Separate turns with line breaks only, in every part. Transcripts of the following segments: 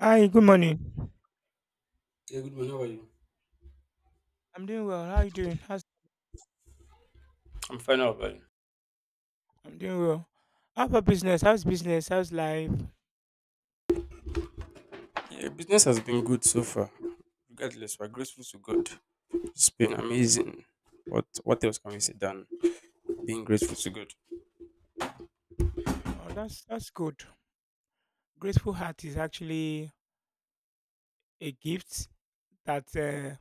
Hi, good morning.
Yeah, good morning. How are you?
I'm doing well. How are you doing? How's
I'm fine, how about you?
I'm doing well. How about business? How's business? How's life?
Yeah, business has been good so far. Regardless, we're grateful to God. It's been amazing. What else can we say than being grateful to God?
Oh, that's good. Grateful heart is actually a gift that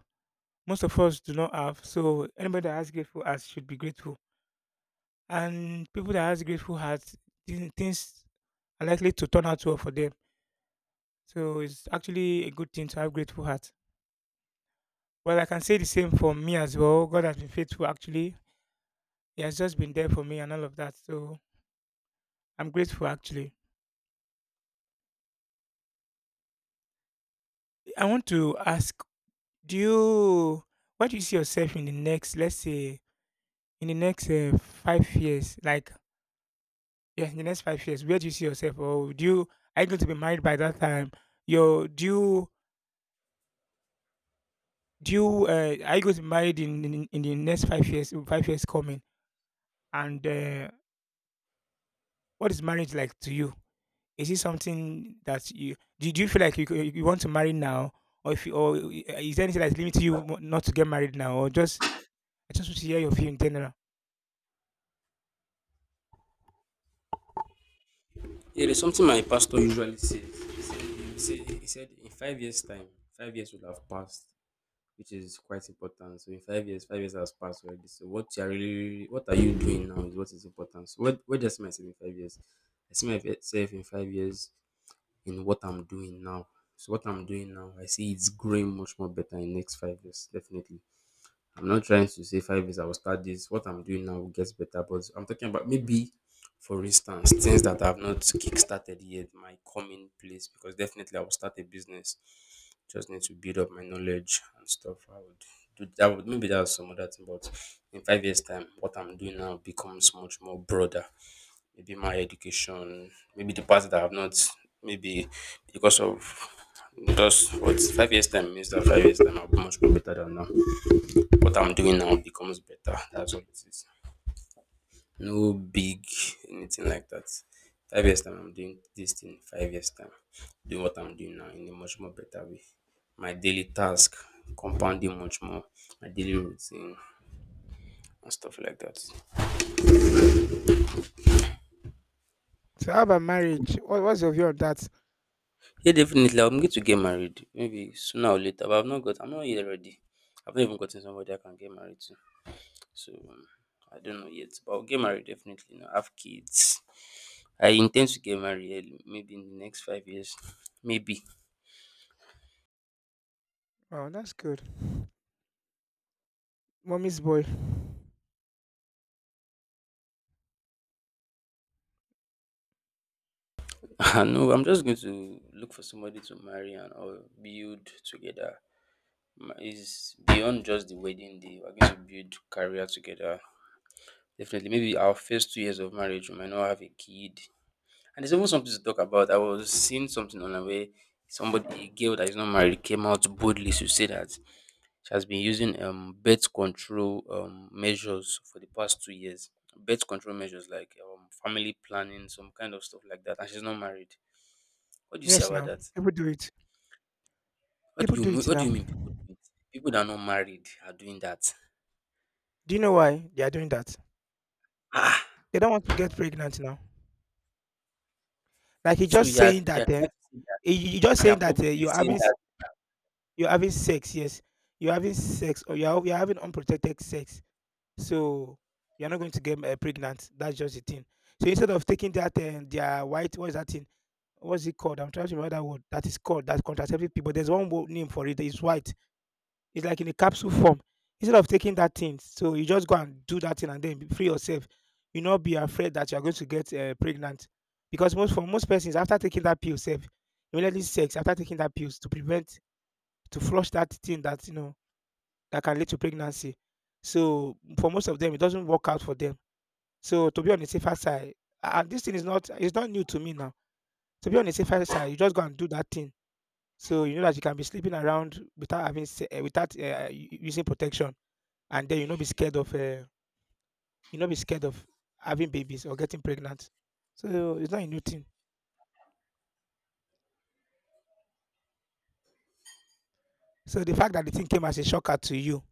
most of us do not have. So anybody that has grateful heart should be grateful. And people that has grateful hearts, things are likely to turn out well for them. So it's actually a good thing to have grateful heart. Well, I can say the same for me as well. God has been faithful actually. He has just been there for me and all of that. So I'm grateful actually. I want to ask, do you where do you see yourself in the next, let's say, in the next 5 years? Like, yeah, in the next 5 years, where do you see yourself? Or do you are you going to be married by that time? Your do you are you going to be married in the next 5 years? 5 years coming, and what is marriage like to you? Is it something that you Do do you feel like you want to marry now, or if you, or is there anything that's limiting you not to get married now, or just I just want to hear your view in general.
Yeah, there's something my pastor usually says. He said in 5 years' time, 5 years would have passed, which is quite important. So in 5 years, 5 years has passed already. So what you are really, what are you doing now is what is important. So where do I see myself in 5 years? I see myself in 5 years in what I'm doing now. So what I'm doing now, I see it's growing much more better in next 5 years, definitely. I'm not trying to say 5 years I will start this. What I'm doing now gets better, but I'm talking about maybe, for instance, things that I've not kickstarted yet might come in place because definitely I will start a business. Just need to build up my knowledge and stuff. I would do that. Would maybe that's some other thing, but in 5 years' time, what I'm doing now becomes much more broader, maybe my education, maybe the parts that I've not, maybe because of just what 5 years time means that 5 years time I'll be much more better than now. What I'm doing now becomes better. That's what it is. No big anything like that. 5 years time I'm doing this thing. 5 years time doing what I'm doing now in a much more better way. My daily task compounding much more. My daily routine and stuff like that.
So, how about marriage? What's your view of that?
Yeah, definitely. I'm going to get married maybe sooner or later, but I've not got. I'm not yet ready. I've not even gotten somebody I can get married to. So I don't know yet, but I'll get married definitely. You know, have kids. I intend to get married early, maybe in the next 5 years. Maybe.
Oh, that's good. Mommy's boy.
No, I'm just going to look for somebody to marry and or build together. Ma- is beyond just the wedding day. We're going to build career together. Definitely. Maybe our first 2 years of marriage, we might not have a kid. And there's even something to talk about. I was seeing something online where somebody, a girl that is not married, came out boldly to say that she has been using birth control measures for the past 2 years. Birth control measures like family planning, some kind of stuff like that, and she's not married. What do you say
Yes,
about
now.
that?
People do it.
What do
People
you
do
mean?
it
What do
now.
you
Do
mean people do it? People that are not married are doing that.
you know why they are doing that?
Ah,
They don't want to get pregnant now. Like you
so
just
you're
saying
you're
that, eh?
trying to say that
You just
they are
saying that, eh,
publicly saying
you're having sex. Yes, you're having sex, or you're having unprotected sex. So you're not going to get pregnant. That's just the thing. So instead of taking that and their white, what's that thing? What's it called? I'm trying to remember that word. That is called that contraceptive pill. But there's one word name for it. It's white. It's like in a capsule form. Instead of taking that thing, so you just go and do that thing and then free yourself. You not be afraid that you're going to get pregnant, because most for most persons after taking that pill, safe immediately sex after taking that pills to prevent to flush that thing that you know that can lead to pregnancy. So for most of them, it doesn't work out for them so to be on the safer side, and this thing is not new to me now. To be on the safer side, you just go and do that thing. So you know that you can be sleeping around without without using protection, and then you not be scared of you not be scared of having babies or getting pregnant. So it's not a new thing. So the fact that the thing came as a shocker to you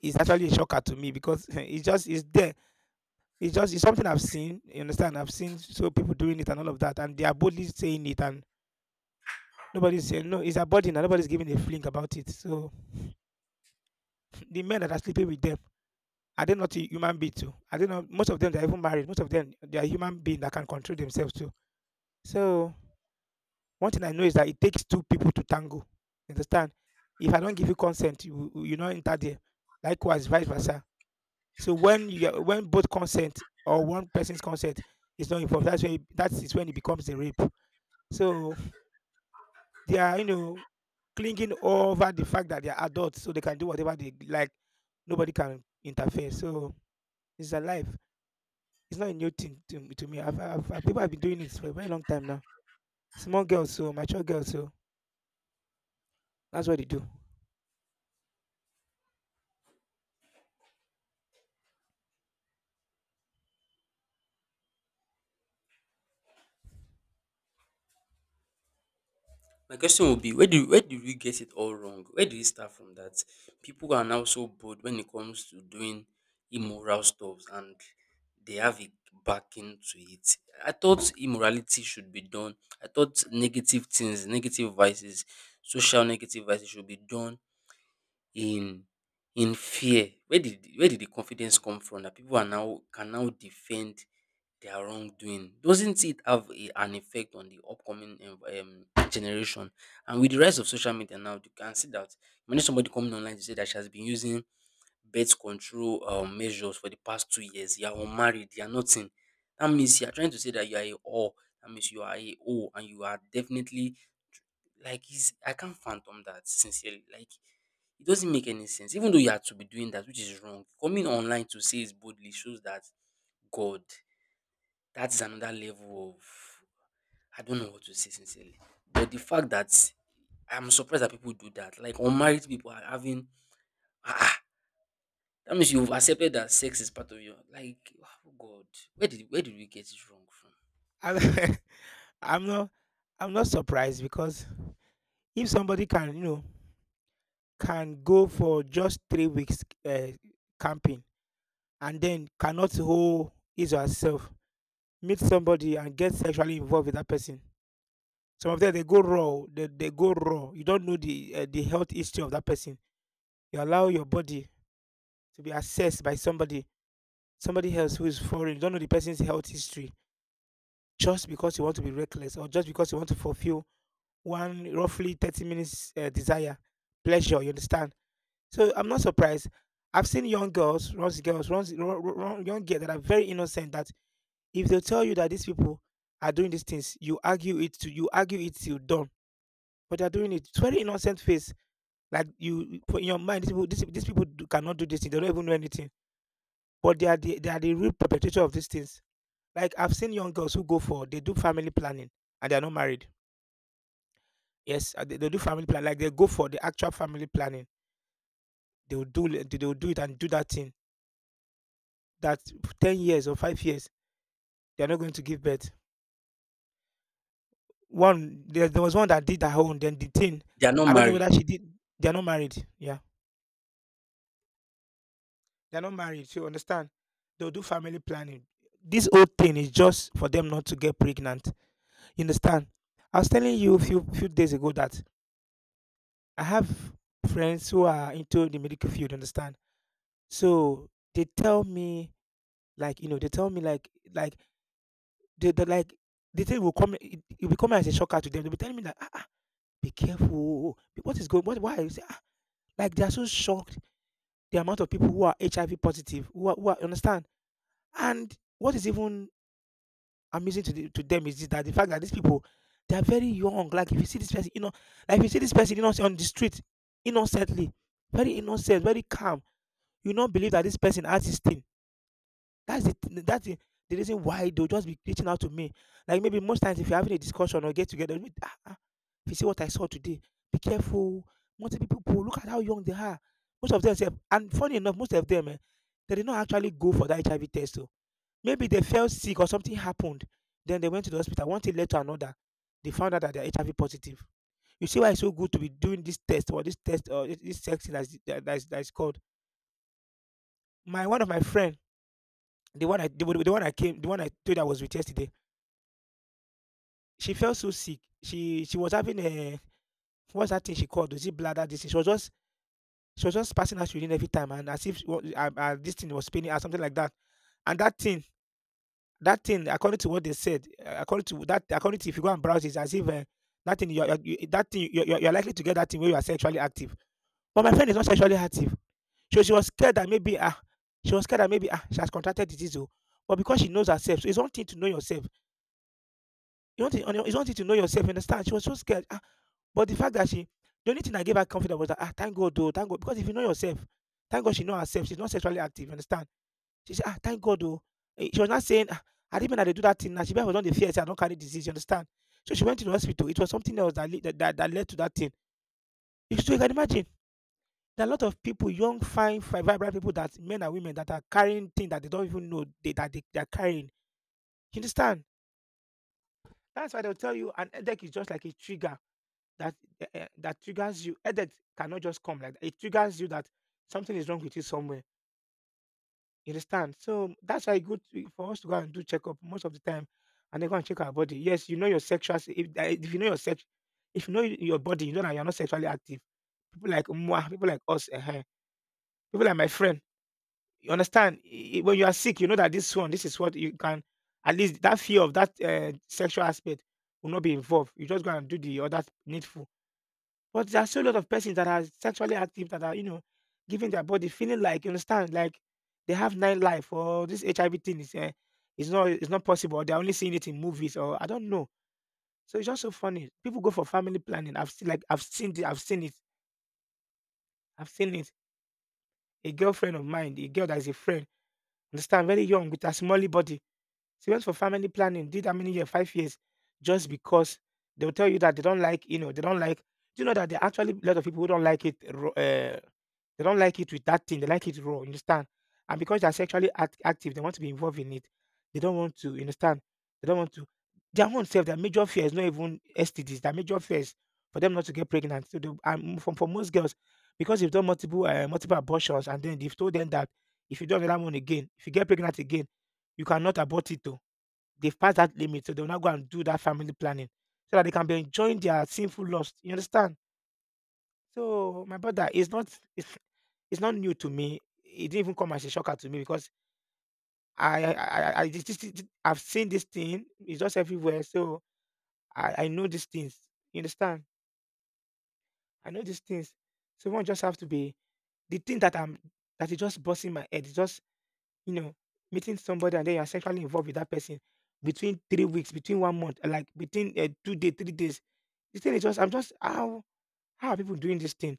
is actually a shocker to me because it's there. It's something I've seen. You understand? I've seen so people doing it and all of that, and they are boldly saying it and nobody's saying no, it's a body, and nobody's giving a flink about it. So the men that are sleeping with them, are they not human beings too? Are they not most of them they're even married, most of them they are human beings that can control themselves too. So one thing I know is that it takes two people to tango. You understand? If I don't give you consent, you not enter there. Likewise, vice versa. So when both consent or one person's consent is not involved, that is when it becomes a rape. So they are, you know, clinging over the fact that they are adults, so they can do whatever they like. Nobody can interfere. So it's a life. It's not a new thing to me. People have been doing it for a very long time now. Small girls, so mature girls, so that's what they do.
my question would be where do where did we get it all wrong? Where do we start from that? People are now so bold when it comes to doing immoral stuff, and they have a backing to it. I thought immorality should be done. I thought negative things, negative vices, social negative vices should be done in in fear. Where did where did the confidence come from that people are now can now defend their wrongdoing? Doesn't it have a, an effect on the upcoming generation? And with the rise of social media now, you can see that when somebody coming online to say that she has been using birth control measures for the past 2 years, you are unmarried, you are nothing. That means you are trying to say that you are a whore. That means you are a, oh, and you are definitely like it's I can't fathom that sincerely. Like it doesn't make any sense. Even though you are to be doing that, which is wrong, coming online to say it boldly shows that God, that's another level of, I don't know what to say sincerely. But the fact that I'm surprised that people do that. Like unmarried people are having, ah, ah, that means you've accepted that sex is part of your, like, oh God. Where did we get it wrong from?
I, I'm not, I'm not surprised because if somebody can, you know, can go for just 3 weeks camping and then cannot hold his or herself, meet somebody and get sexually involved with that person. Some of them they go raw, oh, they go raw. You don't know the health history of that person. You allow your body to be assessed by somebody, somebody else who is foreign. You don't know the person's health history just because you want to be reckless or just because you want to fulfill one roughly 30 minutes desire, pleasure. You understand? So I'm not surprised. I've seen young girls, run, young girls that are very innocent. That if they tell you that these people are doing these things, you argue it till done, but they're doing it. It's very innocent face. Like you put in your mind, these people do, cannot do this thing. They don't even know anything, but they are the real perpetrator of these things. Like I've seen young girls who go for they do family planning and they are not married. Yes, they do family plan like they go for the actual family planning. They will do it and do that thing. That 10 years or 5 years, they are not going to give birth. There was one that did her own. Then the thing,
They are not
I don't know whether
married.
she did. They are not married. Yeah. They're not married, so you understand? They'll do family planning. This whole thing is just for them not to get pregnant. You understand? I was telling you a few days ago that I have friends who are into the medical field. Understand? So they tell me like you know they tell me like they like the thing will come it will come as a shocker to them. They'll be telling me like, ah, ah, be careful. What is going? What why? You say, "Ah." Like they are so shocked the amount of people who are HIV positive who are, you understand. And what is even amusing to the to them is this, that the fact that these people they are very young. Like if you see this person, you know, like if you see this person, you know, on the street innocently, very innocent, very calm, you not believe that this person has this thing. That's the reason why they'll just be reaching out to me. Like maybe most times if you're having a discussion or get together, you, ah, ah, if you see what I saw today, be careful. Multiple people, look at how young they are. Most of them, sef- and funny enough, most of them, eh, they did not actually go for that HIV test. Oh, maybe they fell sick or something happened. Then they went to the hospital. One thing led to another. They found out that they're HIV positive. You see why it's so good to be doing this test or this test or this sex thing that's, that, that's called. My one of my friend, the one I came, the one I told you I was with yesterday. She felt so sick. She was having a what's that thing she called? Was it bladder disease? She was just passing out urine every time, and as if this thing was spinning or something like that. And that thing, according to what they said, according to that, according to if you go and browse, it's as if that thing, you that thing, you're likely to get that thing where you are sexually active. But my friend is not sexually active, so she was scared that maybe ah, she has contracted disease. Oh. But because she knows herself, so it's one thing to know yourself. It's one thing to know yourself. You understand? She was so scared. Ah, but the only thing that gave her confidence was that ah, thank God, though, thank God, because if you know yourself, thank God she know herself. She's not sexually active. You understand? She said, "Ah, thank God oh." Eh, she was not saying, "Ah, I didn't mean I dey do that thing now, she was for the dey fear sey I don't carry disease." You understand? So she went to the hospital. It was something else that lead that that led to that thing. You so you can imagine, there are a lot of people, young, fine, fi vibrant people that men and women that are carrying things that they don't even know they that they are carrying. You understand? That's why they'll tell you an headache is just like a trigger that that triggers you. Headache cannot just come like that. It triggers you that something is wrong with you somewhere. You understand? So that's why e for us to go and do checkup most of the time, and then go and check our body. Yes, you know your sexual. If you know your sex, if you know your body, you know that you're not sexually active. People like Mwah, people like my friend. You understand? When you are sick, you know that this one, this is what you can. At least that fear of that sexual aspect will not be involved. You just go and do the other needful. But there are so a lot of persons that are sexually active that are, you know, giving their body feeling like, you understand, like they have nine life or this HIV thing is not is not possible. Or they're only seeing it in movies or I don't know. So it's just so funny. People go for family planning. I've seen like I've seen it. I've seen it. A girlfriend of mine, a girl that is a friend, understand, very young with a small body. She went for family planning, did that many years, 5 years, just because they'll tell you that they don't like, do you know that there are actually a lot of people who don't like it? They don't like it with that thing. They like it raw. You understand? And because they're sexually active, they want to be involved in it. They don't want to. You understand? They don't want to. Their own self, their major fear is not even STDs. Their major fear is for them not to get pregnant. So, for most girls, because they've done multiple abortions, and then they've told them that if you do another one again, if you get pregnant again, you cannot abort it. Though they've passed that limit, so they'll now go and do that family planning so that they can be enjoying their sinful lust. You understand? So, my brother, It's it's not new to me. It didn't even come as a shocker to me because I this this this I've seen this thing. It's just everywhere. So I know these things. You understand? I know these things. So one just have to be, the thing that I'm that is just busting my head, it's just, you know, meeting somebody and then you're sexually involved with that person between 3 weeks, between 1 month, like between 2 days, 3 days. The thing is just, I'm just how are people doing this thing?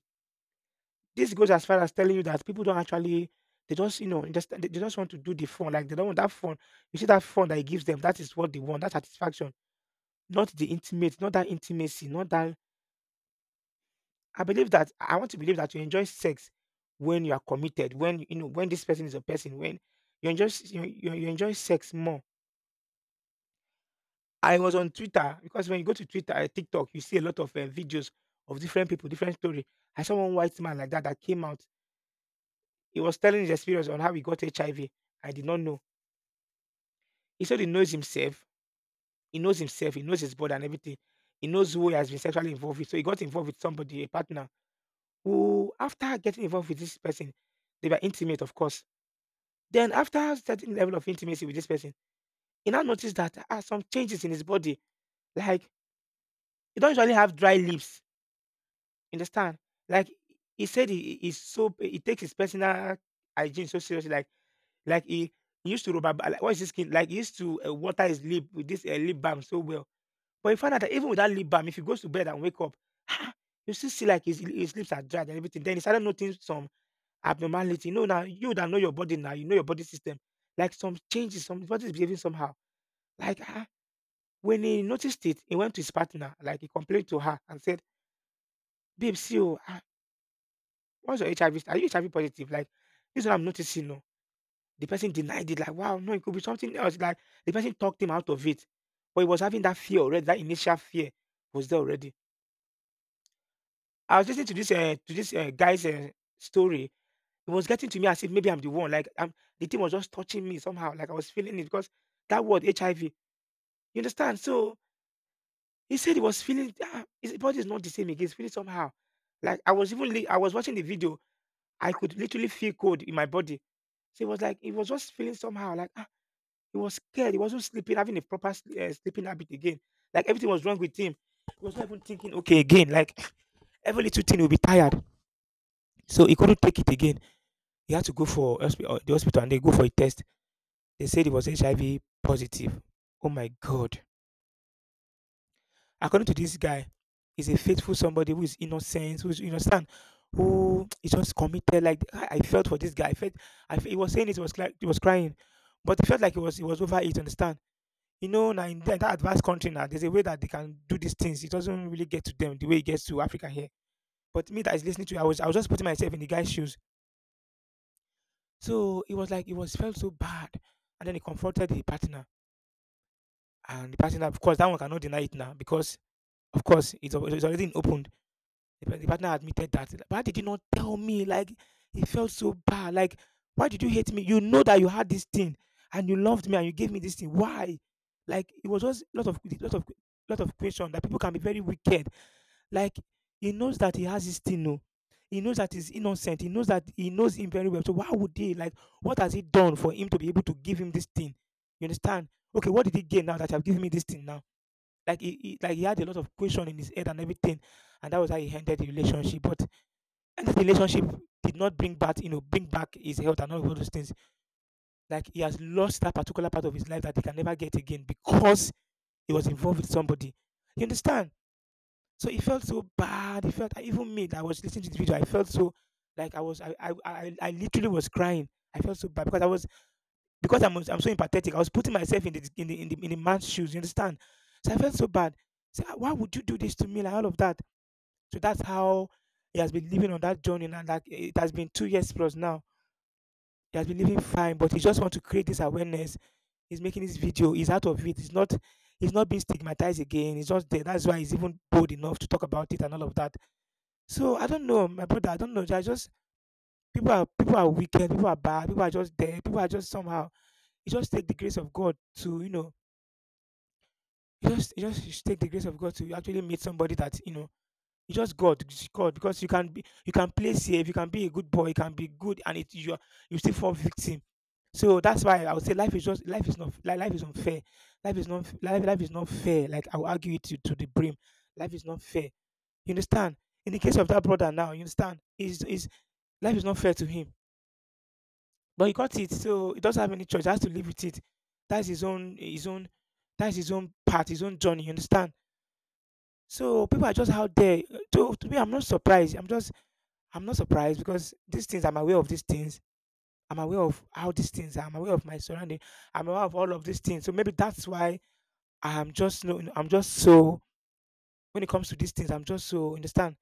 This goes as far as telling you that people don't actually, they just, you know, just they just want to do the fun. Like they don't want that fun. You see that fun that it gives them, that is what they want, that satisfaction. Not the intimate, not that intimacy, not that, I want to believe that you enjoy sex when you are committed, when you know, when this person is a person, when you enjoy s- you enjoy sex more. I was on Twitter because when you go to Twitter, TikTok, you see a lot of videos of different people, different story. I saw one white man like that that came out. He was telling his experience on how he got HIV. I V. I did not know. He said he knows himself. He knows himself. He knows his body and everything. He knows who he has been sexually involved with. So he got involved with somebody, a partner, who, after getting involved with this person, they were intimate, of course. Then, after a certain level of intimacy with this person, he now noticed that there are some changes in his body. Like, he don't usually have dry lips. Understand? Like, he said he takes his personal hygiene so seriously. Like, like he, he used to rubber, like, what is his skin? Like, he used to water his lip with this lip balm so well. But you find out that even with that lip balm, if he goes to bed and wake up, ah, you still see like his lips are dried and everything. Then he started noticing some abnormality. You know, now you that know your body now, you know your body system. Like some changes, some body is behaving somehow. Like ah, when he noticed it, he went to his partner, like he complained to her and said, "Babe, see you, ah, what's your HIV? Are you HIV positive? Like, this is what I'm noticing." No. The person denied it, like, wow, no, it could be something else. Like the person talked him out of it. But he was having that fear already, that initial fear was there already. I was listening to this guy's, eh, story. It was getting to me as if maybe I'm the one, like, I'm the thing was just touching me somehow, like I was feeling it because that word HIV, you understand? So, he said he was feeling ah, his body is not the same again, he's feeling somehow. Like, I was watching the video, I could literally feel cold in my body. So, it was like he was just feeling somehow, like, ah, he was scared, he wasn't sleeping, having a proper sleeping habit again. Like, everything was wrong with him. He was not even thinking okay again, like, every little thing, will be tired. So, he couldn't take it again. He had to go for the hospital and they go for a test. They said he was HIV positive. Oh my God. According to this guy, he's a faithful somebody who is innocent, who is, you understand, who is just committed. Like, I felt for this guy. I felt, I, fe- He was saying it, he was crying, but he felt like he was over it, understand? You know, now in that advanced country now, there's a way that they can do these things. It doesn't really get to them the way it gets to Africa here. But me that is listening to, you, I was just putting myself in the guy's shoes. So it was like, it was felt so bad. And then he comforted the partner. And the partner, of course, that one cannot deny it now because, of course, it's already opened. The partner admitted that. "But why did you not tell me? Like, it felt so bad. Like, why did you hate me? You know that you had this thing and you loved me and you gave me this thing. Why?" Like, it was just lot of question, that people can be very wicked. Like, he knows that he has this thing. No, he knows that he's innocent. He knows that he knows him very well. So why would he, like? What has he done for him to be able to give him this thing? You understand? Okay, what did he gain now that you have given me this thing now? Like he had a lot of question in his head and everything, and that was how he ended the relationship. But that relationship did not bring back, you know, bring back his health and all of those things. Like he has lost that particular part of his life that he can never get again because he was involved with somebody. You understand? So he felt so bad. He felt, even me that I was listening to the video, I felt so, like I literally was crying. I felt so bad because I was because I'm so empathetic. I was putting myself in the in the man's shoes. You understand? So I felt so bad. So why would you do this to me? Like all of that. So that's how he has been living on that journey, and like it has been 2 years plus now. He has been living fine, but he just want to create this awareness. He's making this video. He's out of it. He's not being stigmatized again. He's just there. That's why he's even bold enough to talk about it and all of that. So I don't know, my brother. I don't know. I just people are wicked. People are bad. People are just there. People are just somehow. You just take the grace of God to You just should take the grace of God to actually meet somebody that you know. It's just God, it's God, because you can be, you can play safe, you can be a good boy, you can be good, and you still fall victim. So that's why I would say life is unfair. Life is not fair. Like I'll argue it to the brim. Life is not fair. You understand? In the case of that brother now, you understand? Is Life is not fair to him. But he got it, so he doesn't have any choice. He has to live with it. That's his own that's his own path, his own journey, you understand? So people are just out there. To me, I'm not surprised. I'm not surprised because these things I'm aware of these things. I'm aware of how these things are. I'm aware of my surrounding. I'm aware of all of these things. So maybe that's why I'm just no. I'm just so when it comes to these things, I'm just so understand.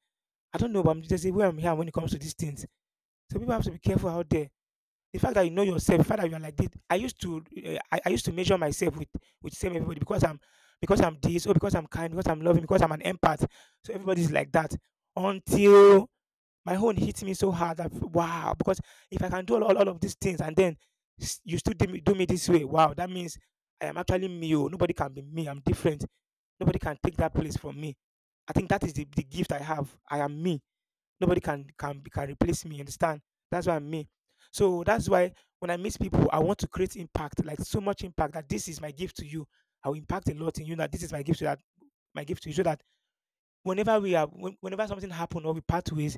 I don't know, but there's a way I'm here when it comes to these things. So people have to be careful out there. The fact that you know yourself, the fact that you are like this. I used to measure myself with same everybody because I'm this, or because I'm kind, because I'm loving, because I'm an empath. So everybody's like that until my own hits me so hard that wow. Because if I can do all of these things and then you still do me this way, wow, that means I am actually me. Oh, nobody can be me. I'm different. Nobody can take that place from me. I think that is the gift I have. I am me. Nobody can replace me. You understand? That's why I'm me. So that's why when I meet people, I want to create impact, like so much impact that this is my gift to you. I will impact a lot in you. That this is my gift to that My gift to you. So that whenever whenever something happen or we part ways,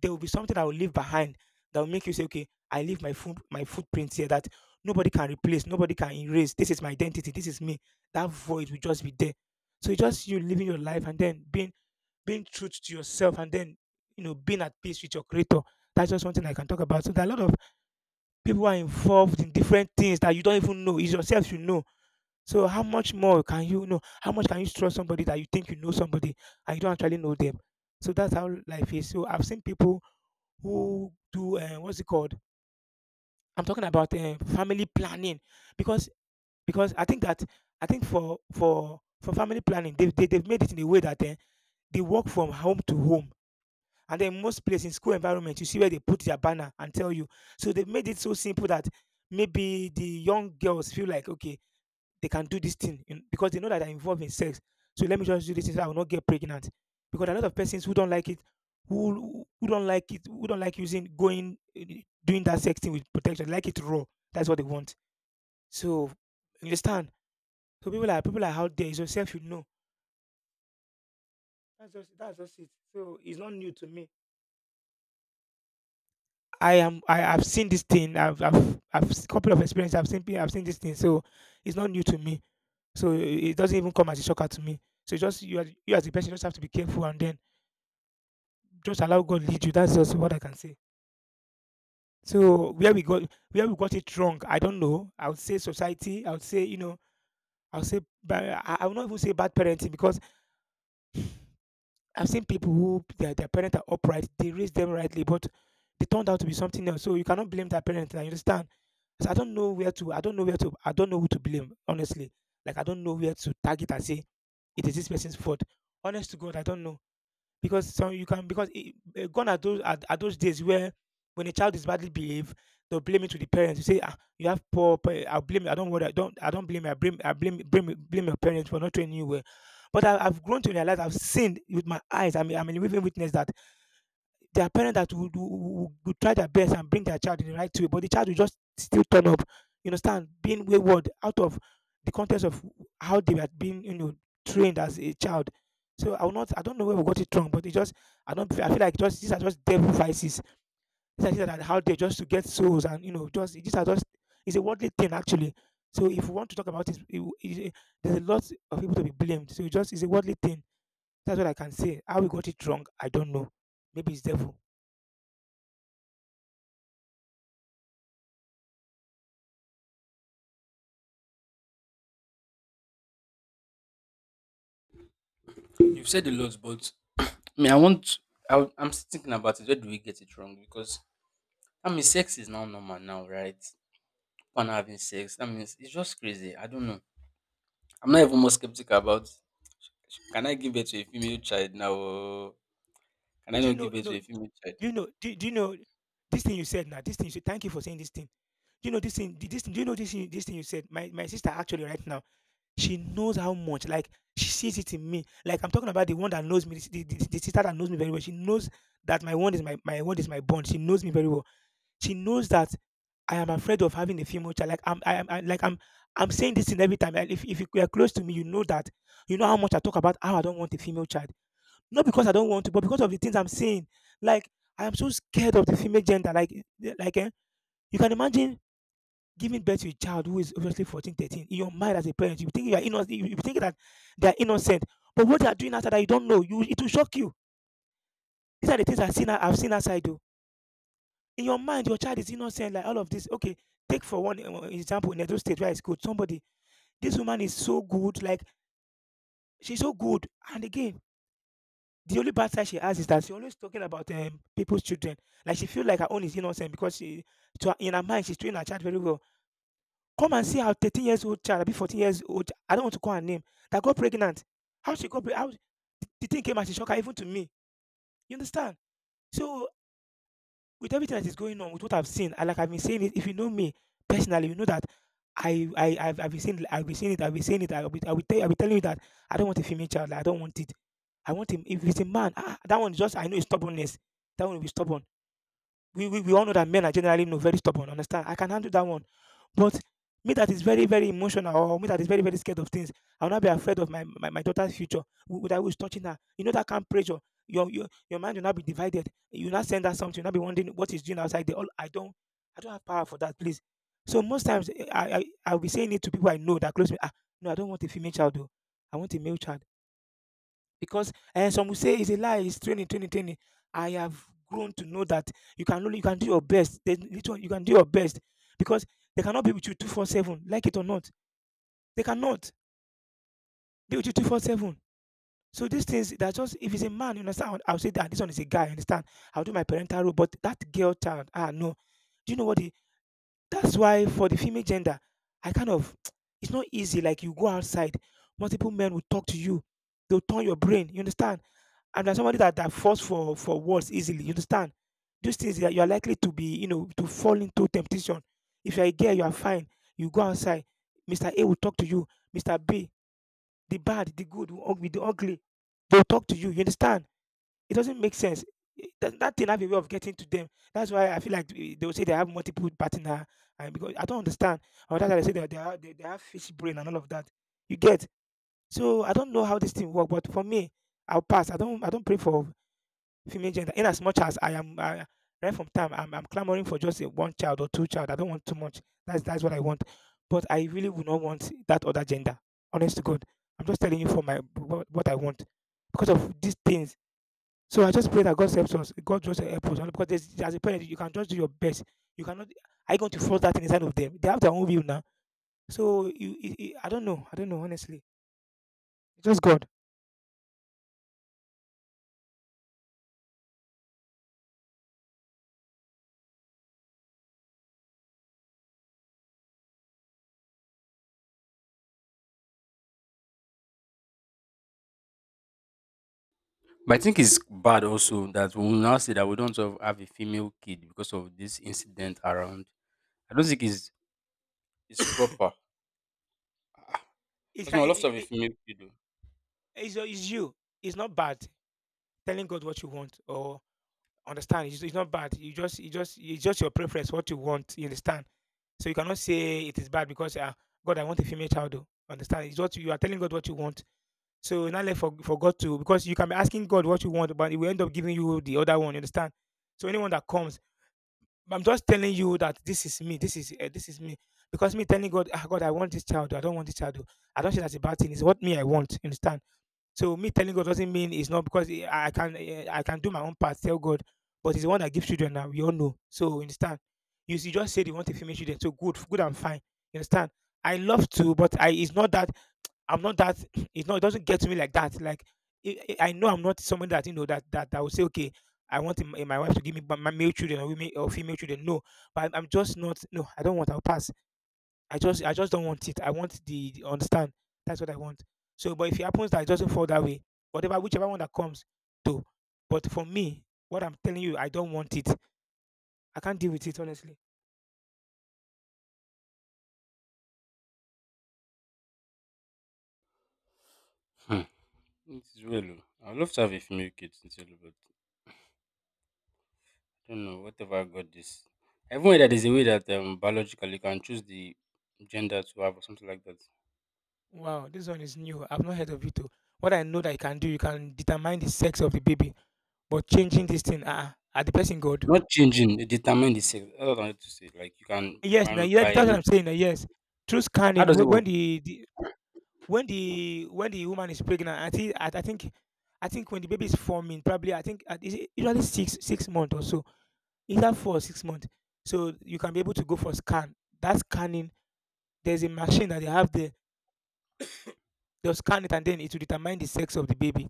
there will be something I will leave behind that will make you say, okay, I leave my footprint here that nobody can replace, nobody can erase. This is my identity. This is me. That void will just be there. So it's just you living your life, and then being truth to yourself, and then you know being at peace with your creator. That's just one thing I can talk about. So there are a lot of people who are involved in different things that you don't even know. It's yourself, you know. So how much more can you know? How much can you trust somebody that you think you know somebody and you don't actually know them? So that's how life is. So I've seen people who do what's it called, I'm talking about family planning. Because I think that I think for family planning they've made it in a way that they work from home to home. And then most places in school environment, you see where they put their banner and tell you. So they made it so simple that maybe the young girls feel like, okay, they can do because they know that they're involved in sex. So let me just do this thing so I will not get pregnant. Because a lot of persons who don't like it, who don't like it, who don't like using doing that sex thing with protection, like it raw. That's what they want. So you understand? So people are out there. It's yourself, you know. That's just it. So it's not new to me. I have seen this thing. Couple of experience. I've seen this thing. So it's not new to me. It doesn't even come as a shocker to me. So just you as a person just have to be careful and then just allow God lead you. That's just what I can say. So where we got it wrong, I don't know. I would say society. I would say you know. I would not even say bad parenting because I've seen people who their parents are upright, they raised them rightly, but they turned out to be something else. So you cannot blame their parents. I understand. So I don't know where to. I don't know who to blame. Honestly, like I don't know where to target and say it is this person's fault. Honest to God, I don't know because some you can because it, eh, gone are are those days where when a child is badly behaved, they'll blame it to the parents. You say, ah, you have poor, pa- I'll blame you. I don't worry. I don't. I don't blame you. I blame. I blame. Blame. Blame your parents for not training you well. But I've grown to realize. I've seen with my eyes. I mean, I'm a living witness that there are parents that would try their best and bring their child in the right way, but the child will just still turn up, you understand, being wayward out of the context of how they were being, you know, trained as a child. So I will not, I don't know where we got it wrong, but it just, I don't, I feel like just these are just devil vices. These are things that are out there just to get souls, and you know, just these are just, it's a worldly thing actually. So if we want to talk about it, it there's a lot of people to be blamed. So it's a worldly thing. That's what I can say. How we got it wrong, I don't know. Maybe it's devil.
You've said a lot, but me, I want I'm still thinking about it. Where do we get it wrong? Because that means sex is now normal now, right? People are now having sex. That means it's just crazy. I don't know. I'm not even more skeptical about, can I give birth to a female child now, or can I
Do you
not
know?
give birth to
No.
a female child?
Do you know? Do you know this thing you said now? This thing you said. Thank you for saying this thing. Do you know this thing? This thing. Do you know this thing? This thing you said. My sister actually right now. She knows how much. Like she sees it in me. Like I'm talking about the one that knows me. The sister that knows me very well. She knows that my one is my bond. She knows me very well. She knows that I am afraid of having a female child. Like I'm saying this thing every time. Like, if you are close to me, you know that you know how much I talk about how I don't want a female child. Not because I don't want to, but because of the things I'm seeing. Like I am so scared of the female gender. Like eh, like eh, you can imagine giving birth to a child who is obviously 14, 13. In your mind as a parent, you think you are innocent. You think that they are innocent, but what they are doing outside that you don't know, you it will shock you. These are the things I've seen. I've seen outside though. In your mind, your child is innocent. Like all of this. Okay, take for one example in Edo State, where it's good. Somebody, this woman is so good. Like she's so good. And again, the only bad side she has is that she always talking about people's children. Like she feels like her own is innocent because to her, in her mind, she's treating her child very well. Come and see how 13 years old child, I be 14 years old. I don't want to call her name. That got pregnant. How she got pregnant? How the thing came as a shocker even to me. You understand? So with everything that is going on, with what I've seen, and like I've been saying it, if you know me personally, you know that I've been saying it, I've been saying it, I'll be telling you that I don't want a female child, like, I don't want it. I want him. If it's a man, that one is just I know it's stubbornness. That one will be stubborn. We all know that men are generally no very stubborn. Understand? I can handle that one. But me that is very, very emotional or me that is very, very scared of things, I'll not be afraid of my daughter's future. That who is touching her. You know that kind of pressure. Your mind will not be divided. You will not send her something. You'll not be wondering what is doing outside. They all I don't have power for that, please. So most times I'll be saying it to people I know that close to me. No, I don't want a female child though. I want a male child because and some will say it's a lie, it's training, training, training. I have grown to know that you can do your best. There's little you can do your best because they cannot be with you 24/7, like it or not. They cannot be with you 24/7. So these things that just if it's a man, you understand, I'll say that this one is a guy, you understand. I'll do my parental role, but that girl child, no. Do you know what the that's why for the female gender, I kind of it's not easy. Like you go outside, multiple men will talk to you, they'll turn your brain, you understand? And as somebody that falls for words easily. You understand? Those things that you are likely to be, to fall into temptation. If you're a girl, you are fine. You go outside. Mr. A will talk to you. Mr. B, the bad, the good, who ug- with the ugly, they'll talk to you. You understand? It doesn't make sense. That thing have a way of getting to them. That's why I feel like they will say they have multiple partner, and because I don't understand. Or that's why they say that they have fish brain and all of that. You get? So I don't know how this thing work, but for me, I'll pass. I don't pray for female gender. In as much as I am I, right from time, I'm clamoring for just a one child or two child. I don't want too much. That's what I want. But I really would not want that other gender. Honest to God, I'm just telling you for my what I want because of these things. So I just pray that God helps us. God just helps us because there's, as a parent, you can just do your best. You cannot. Are you going to force that thing inside of them? They have their own will now. So you, I don't know. I don't know. Honestly, just God.
But I think it's bad also that we will now say that we don't have a female kid because of this incident around. I don't think it's proper.
It's,
Because I would love to
ki-
have a
it,
female kid though.
it's, your- it's you. It's not bad telling God what you want or understand? It's not bad. You just it's just your preference, what you want. You understand? So you cannot say it is bad because God, I want a female child. Oh. Understand? It's what you are telling God what you want. So not left for God to because you can be asking God what you want, but He will end up giving you the other one. You understand? So anyone that comes, I'm just telling you that this is me. This is me. Because me telling God, God, I want this child. Oh, I don't want this child. Oh. I don't say that's a bad thing. It's what me I want. You understand? So me telling God doesn't mean it's not because I can do my own part, tell God, but it's the one that gives children now. We all know. So you understand. You just said you want a female children, so good, good and fine. You understand? I love to, but I it's not that I'm not that it's not it doesn't get to me like that. Like I know I'm not someone that that that will say okay. I want my wife to give me my male children or women or female children. No, but I'm just not. No, I don't want. I'll pass. I just don't want it. I want the understand. That's what I want. So, but if it happens that it doesn't fall that way, whatever whichever one that comes, to. But for me, what I'm telling you, I don't want it. I can't deal with it honestly.
Hmm. It is well, oh. I would love to have a female kid sincerely, but don't know, what have I got this? I even heard that there's a way that biologically you can choose the gender to have or something like that.
Wow, this one is new. I've not heard of it. Too. What I know that you can do, you can determine the sex of the baby, but changing this thing, at the person God.
Not changing, they determine the sex. That's what I wanted to say. Like you can
Yes, now
find
yes,
by
that's what I'm saying. Now yes, through
how
scanning,
does it work?
when the when the when the woman is pregnant, I think when the baby is forming, probably I think is it usually six months or so, either 4 or 6 months. So you can be able to go for scan. That scanning, there's a machine that they have there. They'll scan it and then it will determine the sex of the baby.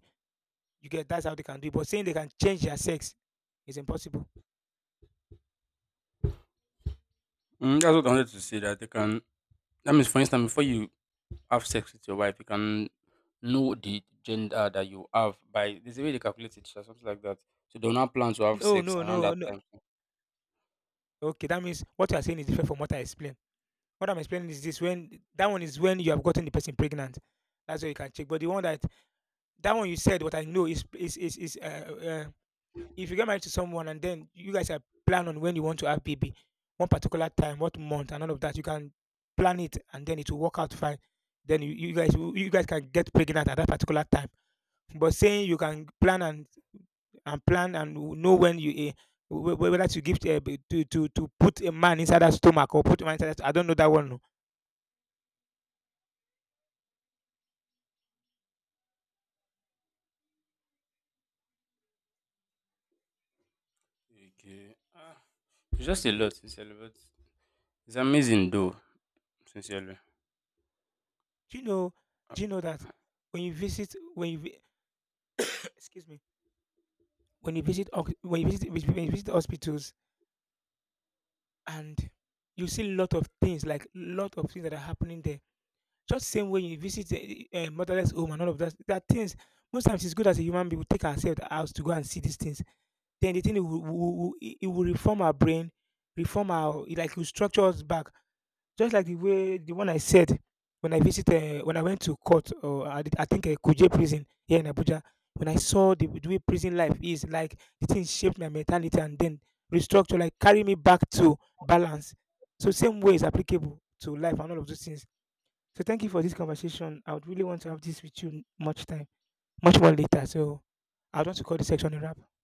You get that's how they can do it. But saying they can change their sex is impossible.
Mm, that's what I wanted to say. That they can, that means for instance before you have sex with your wife, you can know the gender that you have by there's a way they calculate it or something like that. So they will not plan to have
No,
sex
no,
around
no,
that
no.
time.
Okay, that means what you are saying is different from what I explained. What I'm explaining is this: when that one is when you have gotten the person pregnant, that's where you can check. But the one that that one you said what I know is if you get married to someone and then you guys are plan on when you want to have baby one particular time what month and all of that you can plan it and then it will work out fine then you guys will- you guys can get pregnant at that particular time but saying you can plan and plan and know when you whether to give to put a man inside that stomach or put a man inside that I don't know that one no.
Okay. Ah, it's just a lot, sincerely, but it's amazing though, sincerely.
do you know do you know that when you visit excuse me when you visit when you visit hospitals and you see a lot of things like lot of things that are happening there just same way you visit the motherless home and all of that that things most times it's good as a human being we take ourselves out to go and see these things then the thing it it will reform our brain reform our it like will structure us back just like the way the one I said when I visit, when I went to court, or I, did- I think Kuje prison here in Abuja, when I saw the way prison life is, like the thing shaped my mentality and then restructure, like carry me back to balance. So same way is applicable to life and all of those things. So thank you for this conversation. I would really want to have this with you much time, much more later. So I would want to call this section a wrap.